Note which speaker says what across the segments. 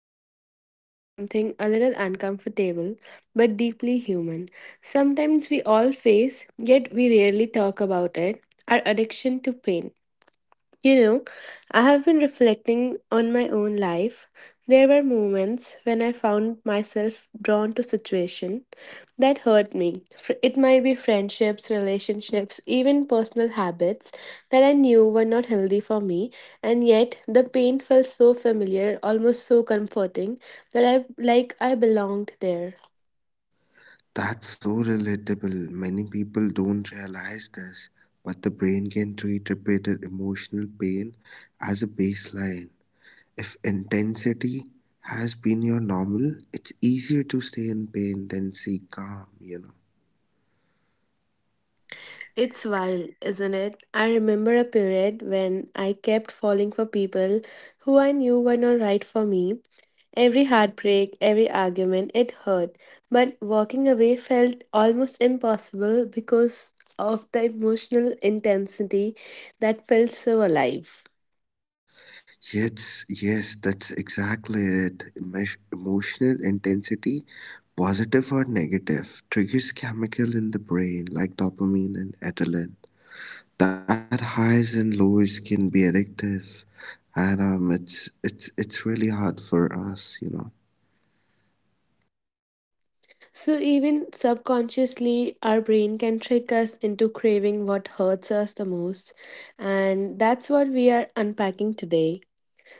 Speaker 1: going to dive into something a little uncomfortable but deeply human. Sometimes we all face, yet we rarely talk about it, our addiction to pain. You know, I have been reflecting on my own life. There were moments when I found myself drawn to situation that hurt me. It might be friendships, relationships, even personal habits that I knew were not healthy for me, and yet the pain felt so familiar, almost so comforting that I like I belonged there.
Speaker 2: That's so relatable. Many people don't realize this, but the brain can treat repeated emotional pain as a baseline. If intensity has been your normal, it's easier to stay in pain than seek calm,
Speaker 1: It's wild, isn't it? I remember a period when I kept falling for people who I knew were not right for me. Every heartbreak, every argument, it hurt. But walking away felt almost impossible because of the emotional intensity that felt so alive.
Speaker 2: Yes, yes, that's exactly it. Emotional intensity, positive or negative, triggers chemical in the brain like dopamine and adrenaline. That highs and lows can be addictive and it's really hard for us.
Speaker 1: So, even subconsciously, our brain can trick us into craving what hurts us the most. And that's what we are unpacking today.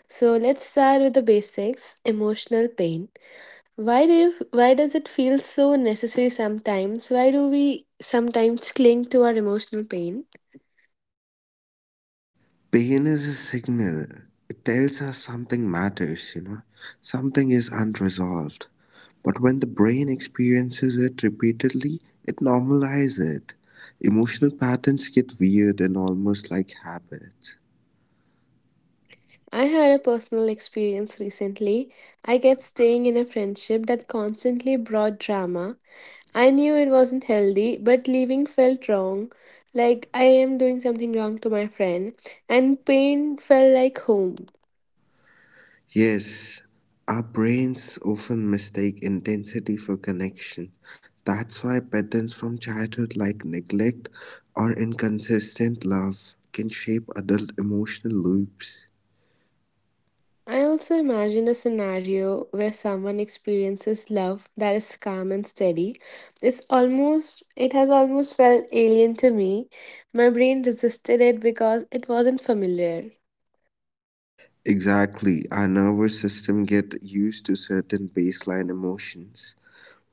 Speaker 1: So let's start with the basics, emotional pain. Why do you, why does it feel so necessary sometimes? Why do we sometimes cling to our emotional pain?
Speaker 2: Pain is a signal. It tells us something matters. Something is unresolved, but when the brain experiences it repeatedly it normalizes it. Emotional patterns get weird and almost like habits.
Speaker 1: I had a personal experience recently. I kept staying in a friendship that constantly brought drama. I knew it wasn't healthy, but leaving felt wrong. Like I am doing something wrong to my friend, and pain felt like home.
Speaker 2: Yes, our brains often mistake intensity for connection. That's why patterns from childhood like neglect or inconsistent love can shape adult emotional loops.
Speaker 1: I also imagine a scenario where someone experiences love that is calm and steady. It's almost, it has almost felt alien to me. My brain resisted it because it wasn't familiar.
Speaker 2: Exactly, our nervous system get used to certain baseline emotions.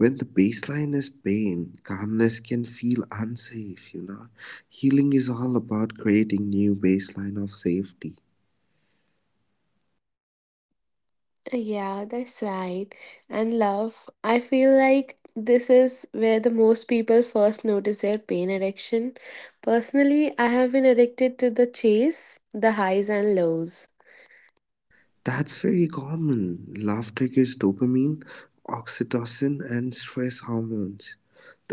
Speaker 2: When the baseline is pain, calmness can feel unsafe, Healing is all about creating new baseline of safety.
Speaker 1: Yeah, that's right. And love, I feel like this is where the most people first notice their pain addiction. Personally, I have been addicted to the chase, the highs and lows.
Speaker 2: That's very common. Laughter gives dopamine, oxytocin, and stress hormones.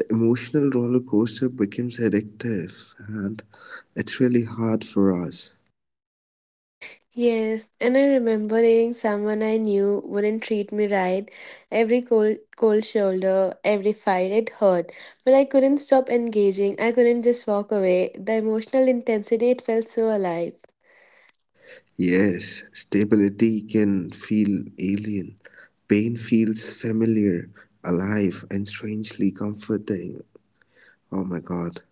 Speaker 2: The emotional roller coaster becomes addictive, and it's really hard for us.
Speaker 1: Yes, and I remember hearing someone I knew wouldn't treat me right. Every cold, cold shoulder, every fight, it hurt. But I couldn't stop engaging. I couldn't just walk away. The emotional intensity, it felt so alive.
Speaker 2: Yes, stability can feel alien. Pain feels familiar, alive, and strangely comforting. Oh my god.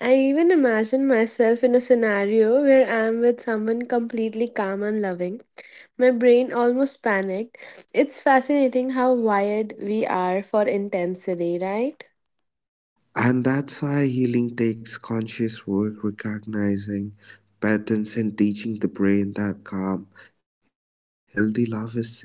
Speaker 1: I even imagine myself in a scenario where I'm with someone completely calm and loving. My brain almost panicked. It's fascinating how wired we are for intensity, right?
Speaker 2: And that's why healing takes conscious work, recognizing patterns and teaching the brain that calm, healthy love is safe.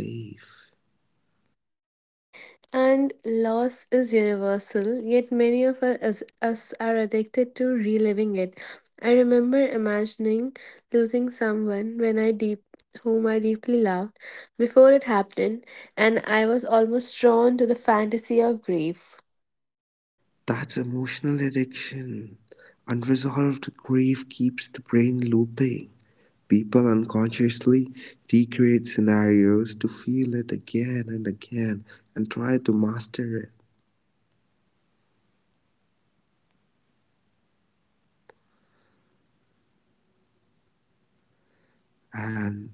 Speaker 1: And loss is universal, yet many of us are addicted to reliving it. I remember imagining losing someone when I deep whom I deeply loved before it happened, and I was almost drawn to the fantasy of grief.
Speaker 2: That's emotional addiction. Unresolved grief keeps the brain looping. People unconsciously recreate scenarios to feel it again and again and try to master it. And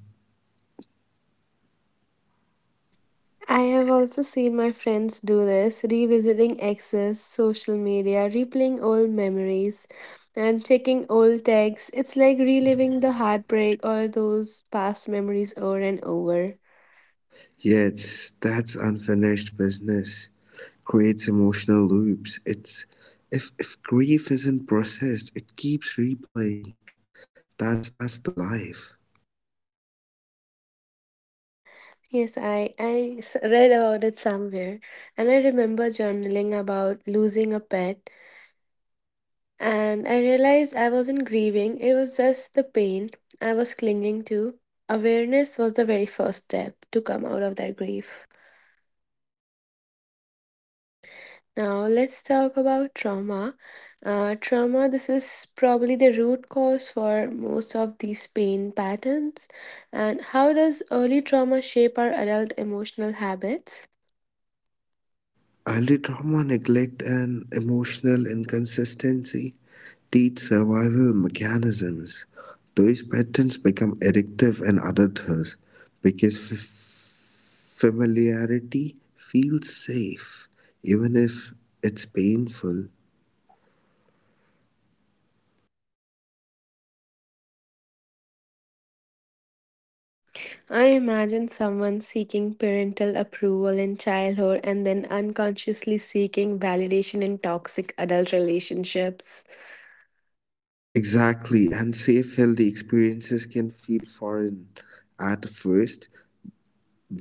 Speaker 1: I have also seen my friends do this, revisiting exes, social media, replaying old memories, and checking old texts. It's like reliving the heartbreak or those past memories over and over.
Speaker 2: yet that unfinished business creates emotional loops. It's if grief isn't processed, it keeps replaying. That's the life.
Speaker 1: Yes, read about it somewhere, and I remember journaling about losing a pet, and I realized I wasn't grieving, it was just the pain I was clinging to. Awareness was the very first step to come out of that grief. Now, let's talk about trauma. Trauma, this is probably the root cause for most of these pain patterns. And how does early trauma shape our adult emotional habits?
Speaker 2: Early trauma, neglect, and emotional inconsistency teach survival mechanisms. Those patterns become addictive in adulthood because familiarity feels safe, even if it's painful.
Speaker 1: I imagine someone seeking parental approval in childhood and then unconsciously seeking validation in toxic adult relationships.
Speaker 2: Exactly, and safe, healthy experiences can feel foreign at first,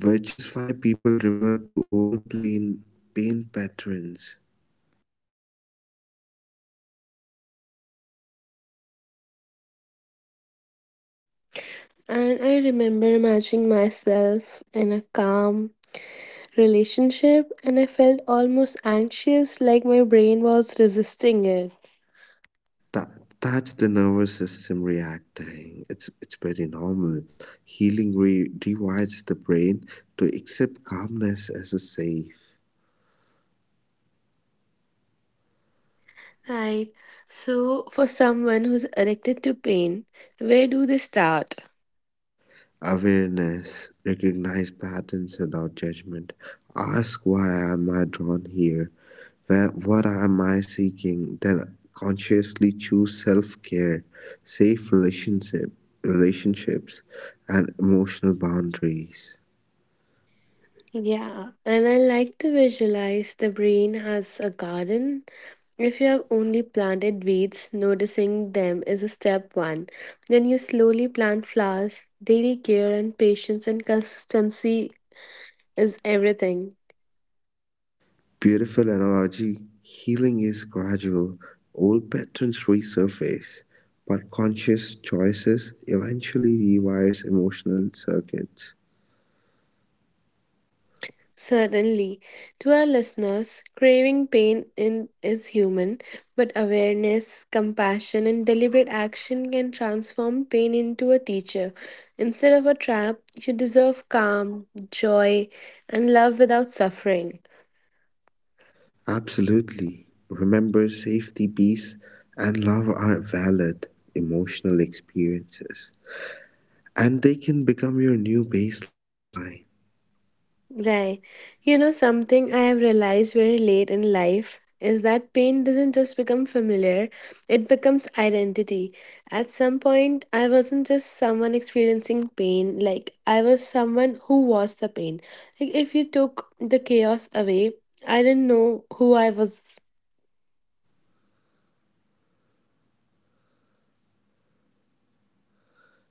Speaker 2: which is why people revert to old plain pain patterns.
Speaker 1: And I remember imagining myself in a calm relationship, and I felt almost anxious, like my brain was resisting it.
Speaker 2: That, that's the nervous system reacting. It's pretty normal. Healing rewires the brain to accept calmness as a safe.
Speaker 1: Right. So, for someone who's addicted to pain, where do they start?
Speaker 2: Awareness, recognize patterns without judgment. Ask why am I drawn here? Where, what am I seeking? Then consciously choose self-care, safe relationship, relationships, and emotional boundaries.
Speaker 1: Yeah, and I like to visualize the brain as a garden. If you have only planted weeds, noticing them is a step one. Then you slowly plant flowers. Daily care and patience and consistency is everything.
Speaker 2: Beautiful analogy. Healing is gradual. Old patterns resurface, but conscious choices eventually rewires emotional circuits.
Speaker 1: Certainly. To our listeners, craving pain in, is human, but awareness, compassion, and deliberate action can transform pain into a teacher. Instead of a trap, you deserve calm, joy, and love without suffering.
Speaker 2: Absolutely. Remember, safety, peace, and love are valid emotional experiences, and they can become your new baseline.
Speaker 1: Right. You know, something I have realized very late in life is that pain doesn't just become familiar, it becomes identity. At some point, I wasn't just someone experiencing pain, like, I was someone who was the pain. Like, if you took the chaos away, I didn't know who I was.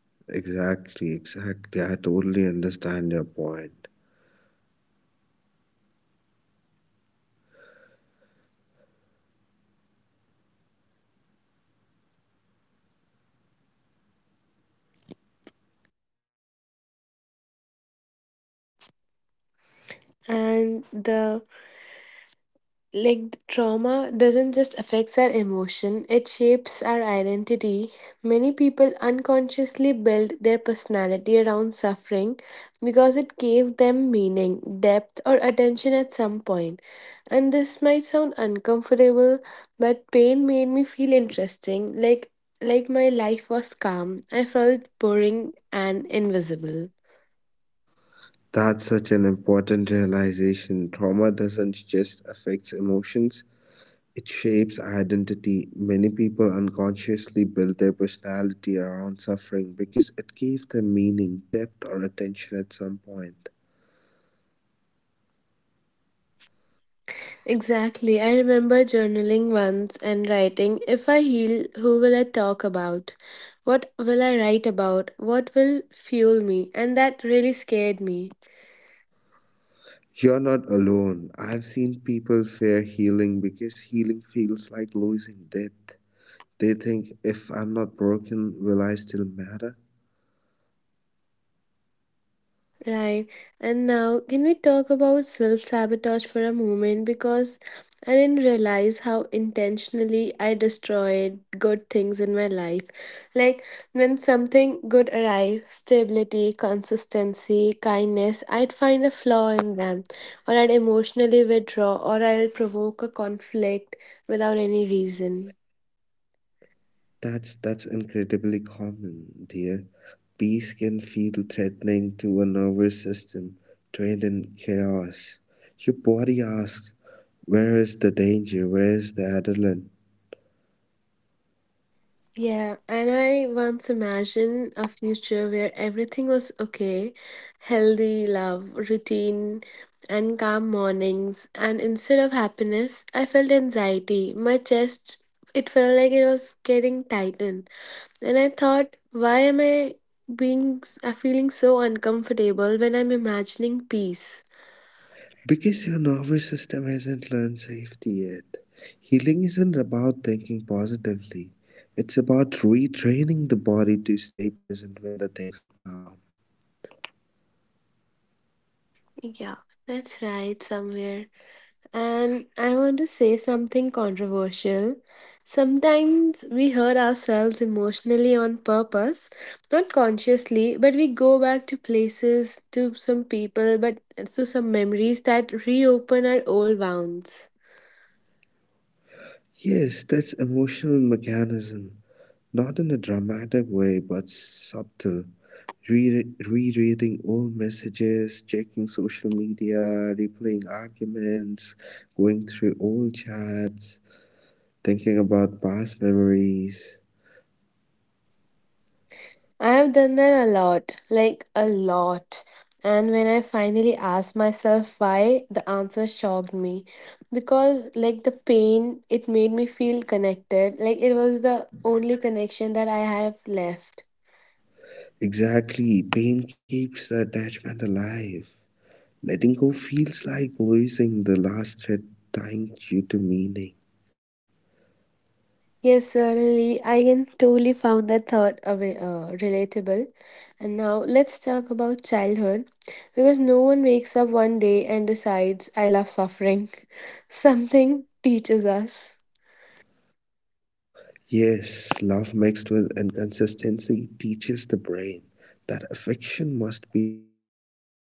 Speaker 2: Exactly, exactly. I totally understand your point.
Speaker 1: And the trauma doesn't just affects our emotion, it shapes our identity. Many people unconsciously build their personality around suffering because it gave them meaning, depth, or attention at some point. And this might sound uncomfortable, but pain made me feel interesting. Like my life was calm, I felt boring and invisible.
Speaker 2: That's such an important realization. Trauma doesn't just affect emotions, it shapes identity. Many people unconsciously build their personality around suffering because it gave them meaning, depth, or attention at some point.
Speaker 1: Exactly. I remember journaling once and writing, "If I heal, who will I talk about? What will I write about? What will fuel me?" And that really scared me.
Speaker 2: You're not alone. I've seen people fear healing because healing feels like losing depth. They think if I'm not broken, will I still matter?
Speaker 1: Right. And now, can we talk about self sabotage for a moment? Because I didn't realize how intentionally I destroyed good things in my life. Like, when something good arrived, stability, consistency, kindness, I'd find a flaw in them, or I'd emotionally withdraw, or I'll provoke a conflict without any reason.
Speaker 2: That's incredibly common, dear. Peace can feel threatening to a nervous system trained in chaos. Your body asks, where is the danger? Where is the adrenaline?
Speaker 1: Yeah, and I once imagined a future where everything was okay, healthy love, routine, and calm mornings. And instead of happiness, I felt anxiety. My chest, it felt like it was getting tightened. And I thought, why am I feeling so uncomfortable when I'm imagining peace?
Speaker 2: Because your nervous system hasn't learned safety yet. Healing isn't about thinking positively, it's about retraining the body to stay present when the things are calm.
Speaker 1: Yeah, that's right, somewhere. And I want to say something controversial. Sometimes we hurt ourselves emotionally on purpose, not consciously, but we go back to places, to some people, but to some memories that reopen our old wounds.
Speaker 2: Yes, that's emotional mechanism, not in a dramatic way, but subtle. Rereading old messages, checking social media, replaying arguments, going through old chats, thinking about past memories.
Speaker 1: I have done that a lot, like a lot. And when I finally asked myself why, the answer shocked me. Because, like, the pain, it made me feel connected. Like, it was the only connection that I have left.
Speaker 2: Exactly. Pain keeps the attachment alive. Letting go feels like losing the last thread tying you to meaning.
Speaker 1: Yes, certainly. I can totally found that thought away, relatable. And now let's talk about childhood. Because no one wakes up one day and decides, I love suffering. Something teaches us.
Speaker 2: Yes, love mixed with inconsistency teaches the brain that affection must be earned through endurance.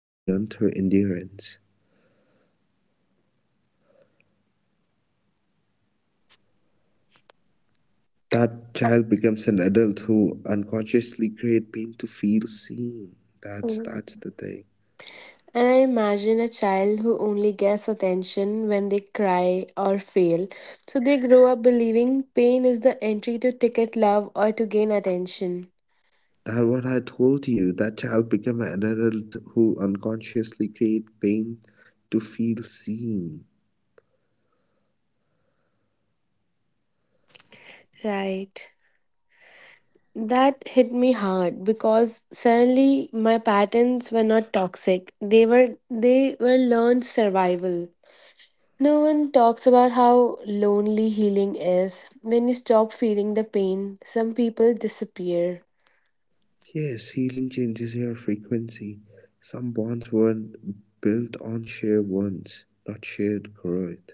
Speaker 2: That child becomes an adult who unconsciously create pain to feel seen. That's the thing.
Speaker 1: And I imagine a child who only gets attention when they cry or fail. So they grow up believing pain is the entry to ticket love or to gain attention.
Speaker 2: That what I told you. That child become an adult who unconsciously create pain to feel seen.
Speaker 1: Right. That hit me hard because suddenly my patterns were not toxic. They were learned survival. No one talks about how lonely healing is. When you stop feeling the pain, some people disappear.
Speaker 2: Yes, healing changes your frequency. Some bonds weren't built on shared wounds, not shared growth.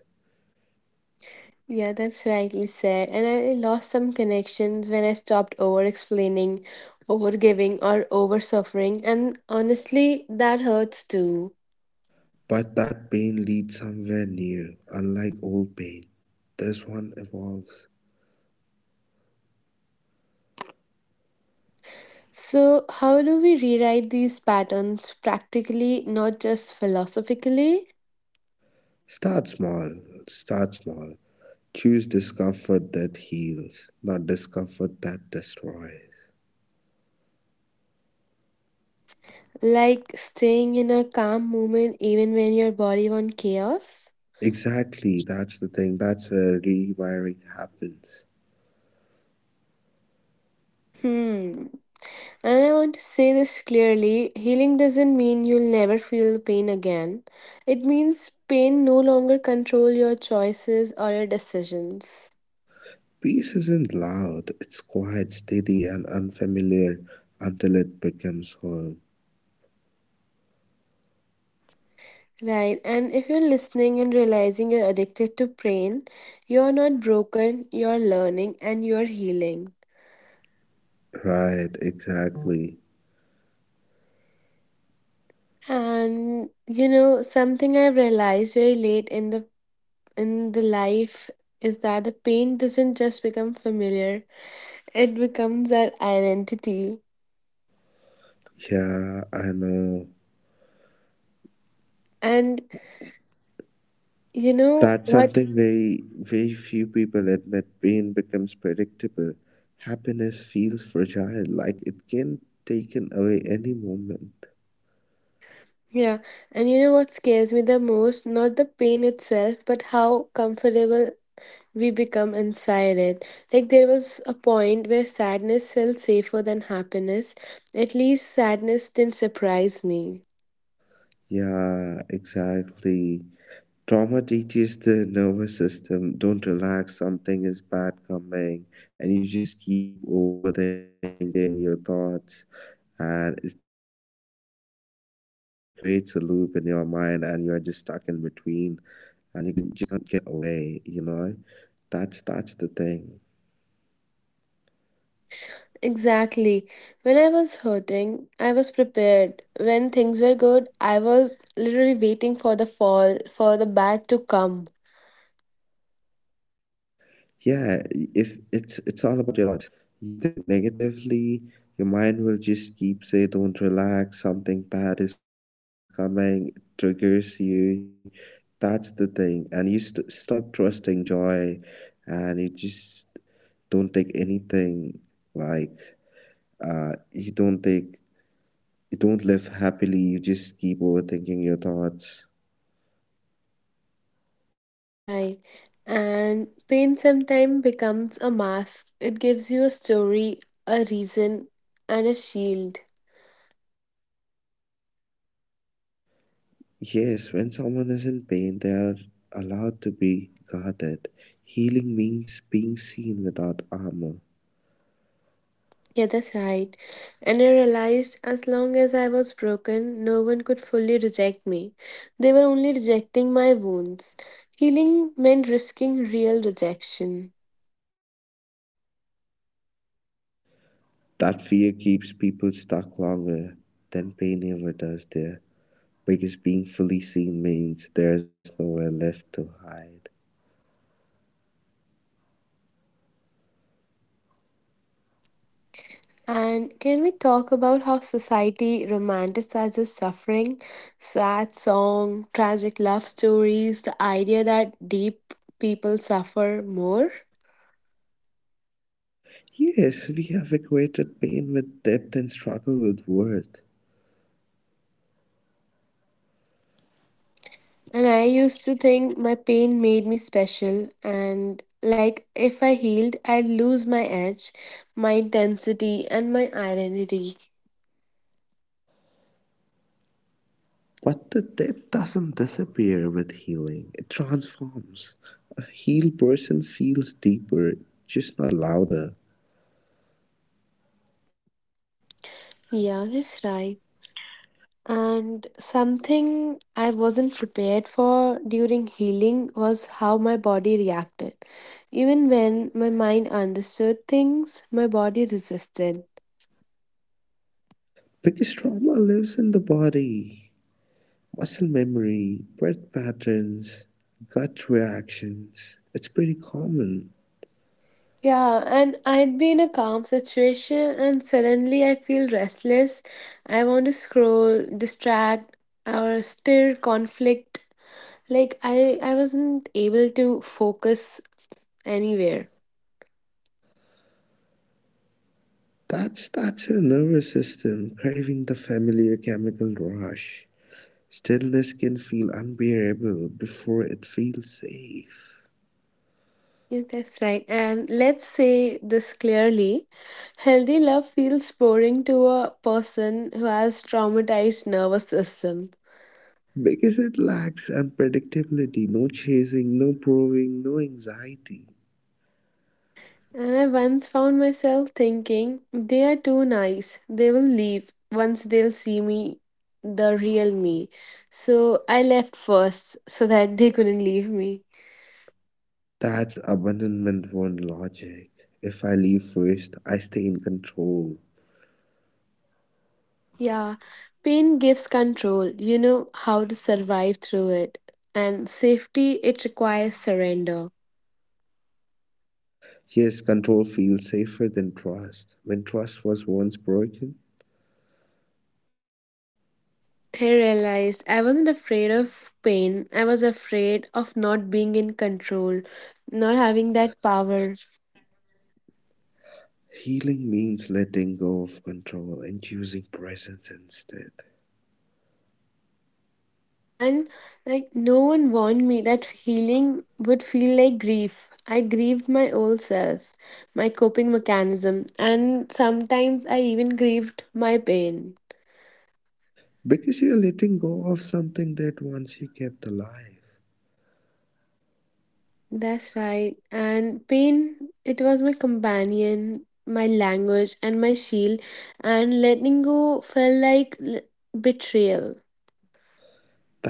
Speaker 1: Yeah, that's rightly said. And I lost some connections when I stopped over explaining, over giving, or over suffering. And honestly, that hurts too.
Speaker 2: But that pain leads somewhere new, unlike old pain. This one evolves.
Speaker 1: So, how do we rewrite these patterns practically, not just philosophically?
Speaker 2: Start small, start small. Choose discomfort that heals, not discomfort that destroys.
Speaker 1: Like staying in a calm moment even when your body wants chaos?
Speaker 2: Exactly, that's the thing. That's where rewiring happens.
Speaker 1: Hmm. And I want to say this clearly, healing doesn't mean you'll never feel the pain again. It means pain no longer control your choices or your decisions.
Speaker 2: Peace isn't loud, it's quiet, steady, and unfamiliar until it becomes home.
Speaker 1: Right, and if you're listening and realizing you're addicted to pain, you're not broken, you're learning and you're healing.
Speaker 2: Right, exactly.
Speaker 1: And you know, something I've realized very late in the life is that the pain doesn't just become familiar, it becomes our identity.
Speaker 2: Yeah, I know.
Speaker 1: And you know
Speaker 2: That's
Speaker 1: what?
Speaker 2: something very, very few people admit. Pain becomes predictable. Happiness feels fragile, like it can taken away any moment.
Speaker 1: Yeah. And you know what scares me the most? Not the pain itself, but how comfortable we become inside it. Like there was a point where sadness felt safer than happiness. At least sadness didn't surprise me.
Speaker 2: Yeah, exactly. Trauma teaches the nervous system don't relax, something is bad coming, and you just keep overthinking your thoughts, and it creates a loop in your mind, and you're just stuck in between, and you can just can't get away, That's the thing.
Speaker 1: Exactly. When I was hurting, I was prepared. When things were good, I was literally waiting for the fall, for the bad to come.
Speaker 2: Yeah, if it's all about your thoughts. You think negatively, your mind will just keep say don't relax, something bad is coming, it triggers you. That's the thing. And you stop trusting joy and you just don't take anything like uh you don't take you don't live happily, you just keep overthinking your thoughts.
Speaker 1: Right. And pain sometimes becomes a mask. It gives you a story, a reason, and a shield.
Speaker 2: Yes, when someone is in pain, they are allowed to be guarded. Healing means being seen without armor.
Speaker 1: Yeah, that's right. And I realized as long as I was broken, no one could fully reject me. They were only rejecting my wounds. Healing meant risking real rejection.
Speaker 2: That fear keeps people stuck longer than pain ever does there, because being fully seen means there's nowhere left to hide.
Speaker 1: And can we talk about how society romanticizes suffering? Sad song, tragic love stories, the idea that deep people suffer more.
Speaker 2: Yes, we have equated pain with depth and struggle with worth.
Speaker 1: And I used to think my pain made me special, and like if I healed, I'd lose my edge, my intensity, and my identity.
Speaker 2: But the depth doesn't disappear with healing, it transforms. A healed person feels deeper, just not louder.
Speaker 1: Yeah, that's right. And something I wasn't prepared for during healing was how my body reacted. Even when my mind understood things, my body resisted.
Speaker 2: Because trauma lives in the body, muscle memory, breath patterns, gut reactions. It's pretty common.
Speaker 1: Yeah, and I'd be in a calm situation and suddenly I feel restless. I want to scroll, distract, or stir conflict. Like I wasn't able to focus anywhere.
Speaker 2: That's a nervous system craving the familiar chemical rush. Stillness can feel unbearable before it feels safe.
Speaker 1: Yeah, that's right. And let's say this clearly, healthy love feels boring to a person who has traumatized nervous system.
Speaker 2: Because it lacks unpredictability, no chasing, no proving, no anxiety.
Speaker 1: And I once found myself thinking, they are too nice. They will leave once they'll see me, the real me. So I left first so that they couldn't leave me.
Speaker 2: That's abandonment born logic. If I leave first, I stay in control.
Speaker 1: Yeah, pain gives control. You know how to survive through it. And safety, it requires surrender.
Speaker 2: Yes, control feels safer than trust. When trust was once broken,
Speaker 1: I realized I wasn't afraid of pain. I was afraid of not being in control, not having that power.
Speaker 2: healing means letting go of control and choosing presence instead.
Speaker 1: And like no one warned me that healing would feel like grief. I grieved my old self, my coping mechanism, and sometimes I even grieved my pain.
Speaker 2: Because you're letting go of something that once you kept alive.
Speaker 1: That's right. And pain, it was my companion, my language, and my shield. And letting go felt like betrayal.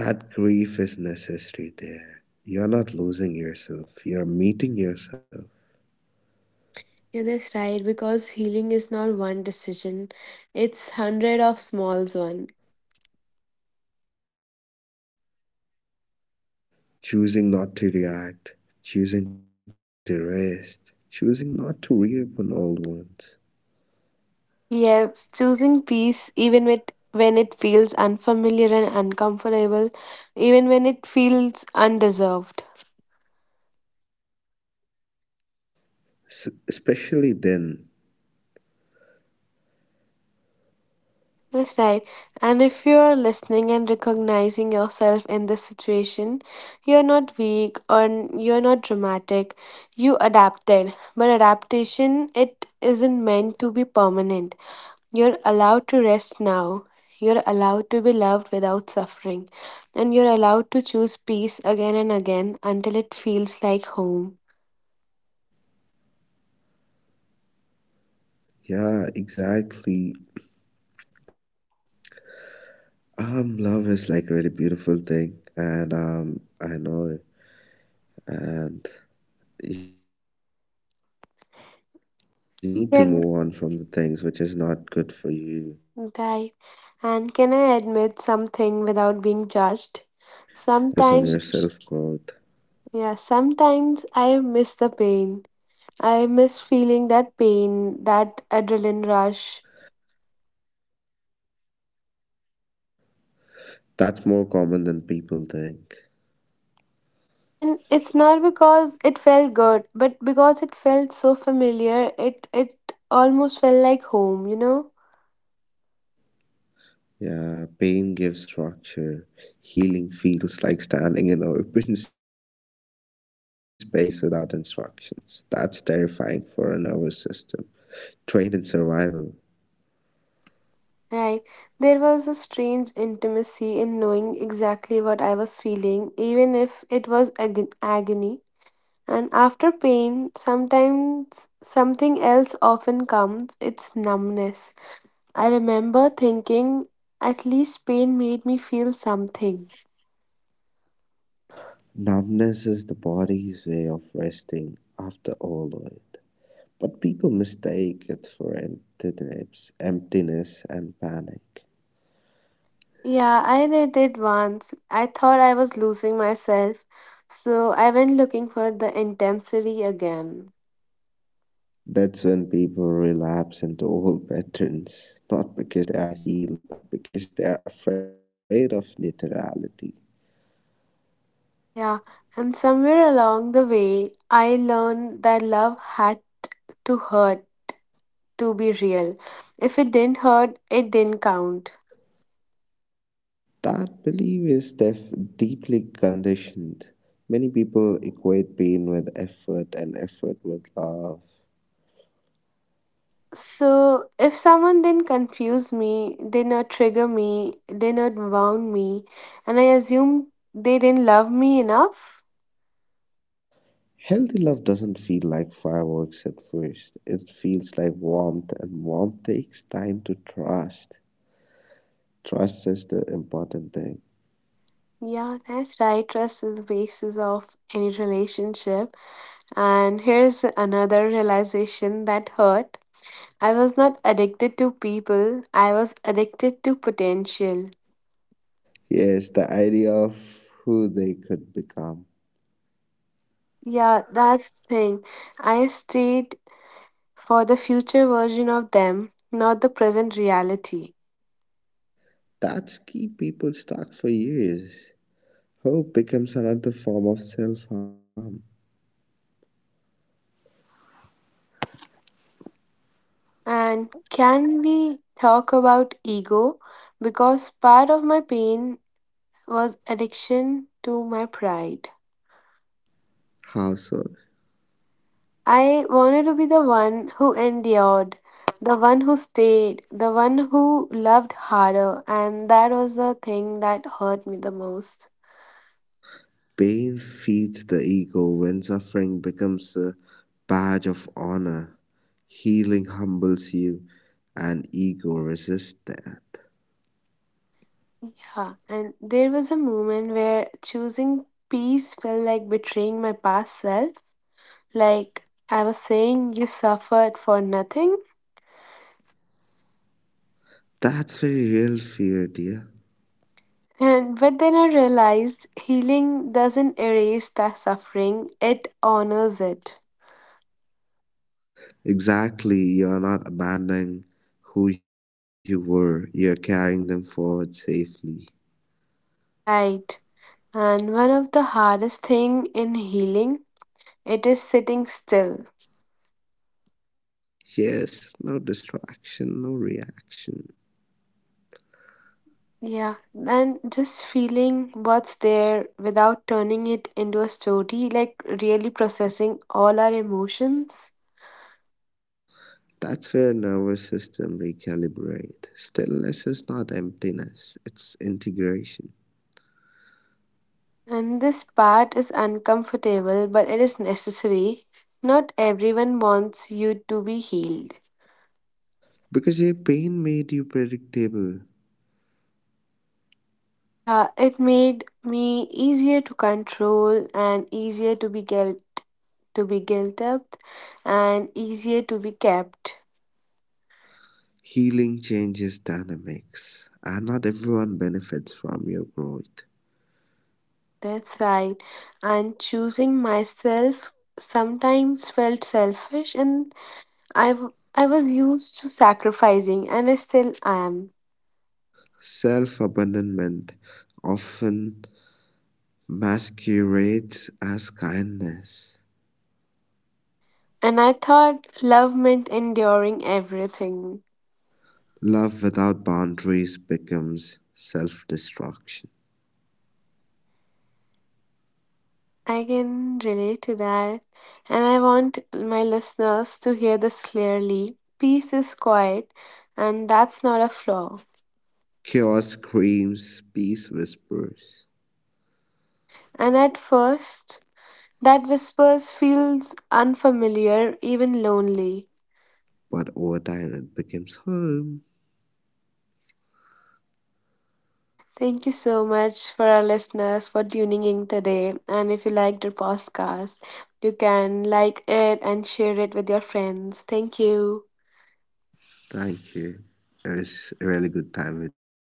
Speaker 2: That grief is necessary there. You're not losing yourself, you're meeting yourself.
Speaker 1: Yeah, that's right, because healing is not one decision. It's hundred of smalls one.
Speaker 2: Choosing not to react, choosing to rest, choosing not to reopen old wounds.
Speaker 1: Yes, choosing peace even with when it feels unfamiliar and uncomfortable, even when it feels undeserved.
Speaker 2: Especially then.
Speaker 1: That's right. And if you're listening and recognizing yourself in this situation, you're not weak or you're not dramatic. You adapted. But adaptation, it isn't meant to be permanent. You're allowed to rest now. You're allowed to be loved without suffering. And you're allowed to choose peace again and again until it feels like home.
Speaker 2: Yeah, exactly. Love is like a really beautiful thing, and I know, and you need to move on from the things which is not good for
Speaker 1: Can
Speaker 2: you, and just
Speaker 1: right.
Speaker 2: you need
Speaker 1: And
Speaker 2: to
Speaker 1: can I
Speaker 2: focus on
Speaker 1: admit
Speaker 2: your self
Speaker 1: something without
Speaker 2: growth.
Speaker 1: being judged? Sometimes yeah, sometimes I miss the pain. I miss feeling that pain, that adrenaline rush.
Speaker 2: That's more common than people think.
Speaker 1: And it's not because it felt good, but because it felt so familiar, it almost felt like home, you know?
Speaker 2: Yeah, pain gives structure. Healing feels like standing in an open space without instructions. That's terrifying for a nervous system trained in survival.
Speaker 1: Right. There was a strange intimacy in knowing exactly what I was feeling, even if it was agony. And after pain, sometimes something else often comes, it's numbness. I remember thinking, at least pain made me feel something.
Speaker 2: Numbness is the body's way of resting after overload, but people mistake it for emptiness, emptiness and panic.
Speaker 1: Yeah, I did it once. I thought I was losing myself, so I went looking for the intensity again.
Speaker 2: That's when people relapse into old patterns, not because they are healed, but because they are afraid of neutrality.
Speaker 1: Yeah, and somewhere along the way, I learned that love had to hurt to be real. If it didn't hurt, it didn't count.
Speaker 2: That belief is deeply conditioned. Many people equate pain with effort and effort with love.
Speaker 1: So if someone didn't confuse me, did not trigger me, did not wound me, and I assume they didn't love me enough.
Speaker 2: Healthy love doesn't feel like fireworks at first. It feels like warmth, and warmth takes time to trust. Trust is the important thing.
Speaker 1: Yeah, that's right. Trust is the basis of any relationship. And here's another realization that hurt. I was not addicted to people, I was addicted to potential.
Speaker 2: Yes, the idea of who they could become.
Speaker 1: Yeah, that's the thing. I stayed for the future version of them, not the present reality.
Speaker 2: That's keep people stuck for years. Hope becomes another form of self harm.
Speaker 1: And can we talk about ego? Because part of my pain was addiction to my pride.
Speaker 2: How so?
Speaker 1: I wanted to be the one who endured, the one who stayed, the one who loved harder, and that was the thing that hurt me the most.
Speaker 2: Pain feeds the ego when suffering becomes a badge of honor. Healing humbles you, and ego resists that.
Speaker 1: Yeah, and there was a moment where choosing peace felt like betraying my past self. Like I was saying, you suffered for nothing.
Speaker 2: That's a real fear, dear.
Speaker 1: And but then I realized healing doesn't erase the suffering, it honors it.
Speaker 2: Exactly. You're not abandoning who you were, you're carrying them forward safely.
Speaker 1: Right. And one of the hardest thing in healing, it is sitting still.
Speaker 2: Yes, no distraction, no reaction.
Speaker 1: Yeah. And just feeling what's there without turning it into a story, like really processing all our emotions.
Speaker 2: That's where nervous system recalibrate. Stillness is not emptiness, it's integration.
Speaker 1: And this part is uncomfortable, but it is necessary. Not everyone wants you to be healed.
Speaker 2: Because your pain made you predictable,
Speaker 1: Yeah, it made me easier to control and easier to be guilt up and easier to be kept.
Speaker 2: healing changes dynamics, and not everyone benefits from your growth.
Speaker 1: And that's right. And choosing myself sometimes felt selfish and I was used to sacrificing and I still am.
Speaker 2: Self abandonment often masquerades as kindness.
Speaker 1: And I thought love meant enduring everything.
Speaker 2: Love without boundaries becomes self destruction.
Speaker 1: I can relate to that. And I want my listeners to hear this clearly. Peace is quiet, and that's not a flaw.
Speaker 2: Chaos screams, peace whispers,
Speaker 1: And at first, that whispers feels unfamiliar, even lonely.
Speaker 2: but over time it becomes home.
Speaker 1: Thank you so much for our listeners for tuning in today. And if you liked the podcast, you can like it and share it with your friends. Thank you.
Speaker 2: Thank you. It was a really good time with you.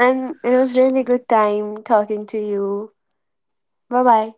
Speaker 1: And it was really good time talking to you. Bye bye.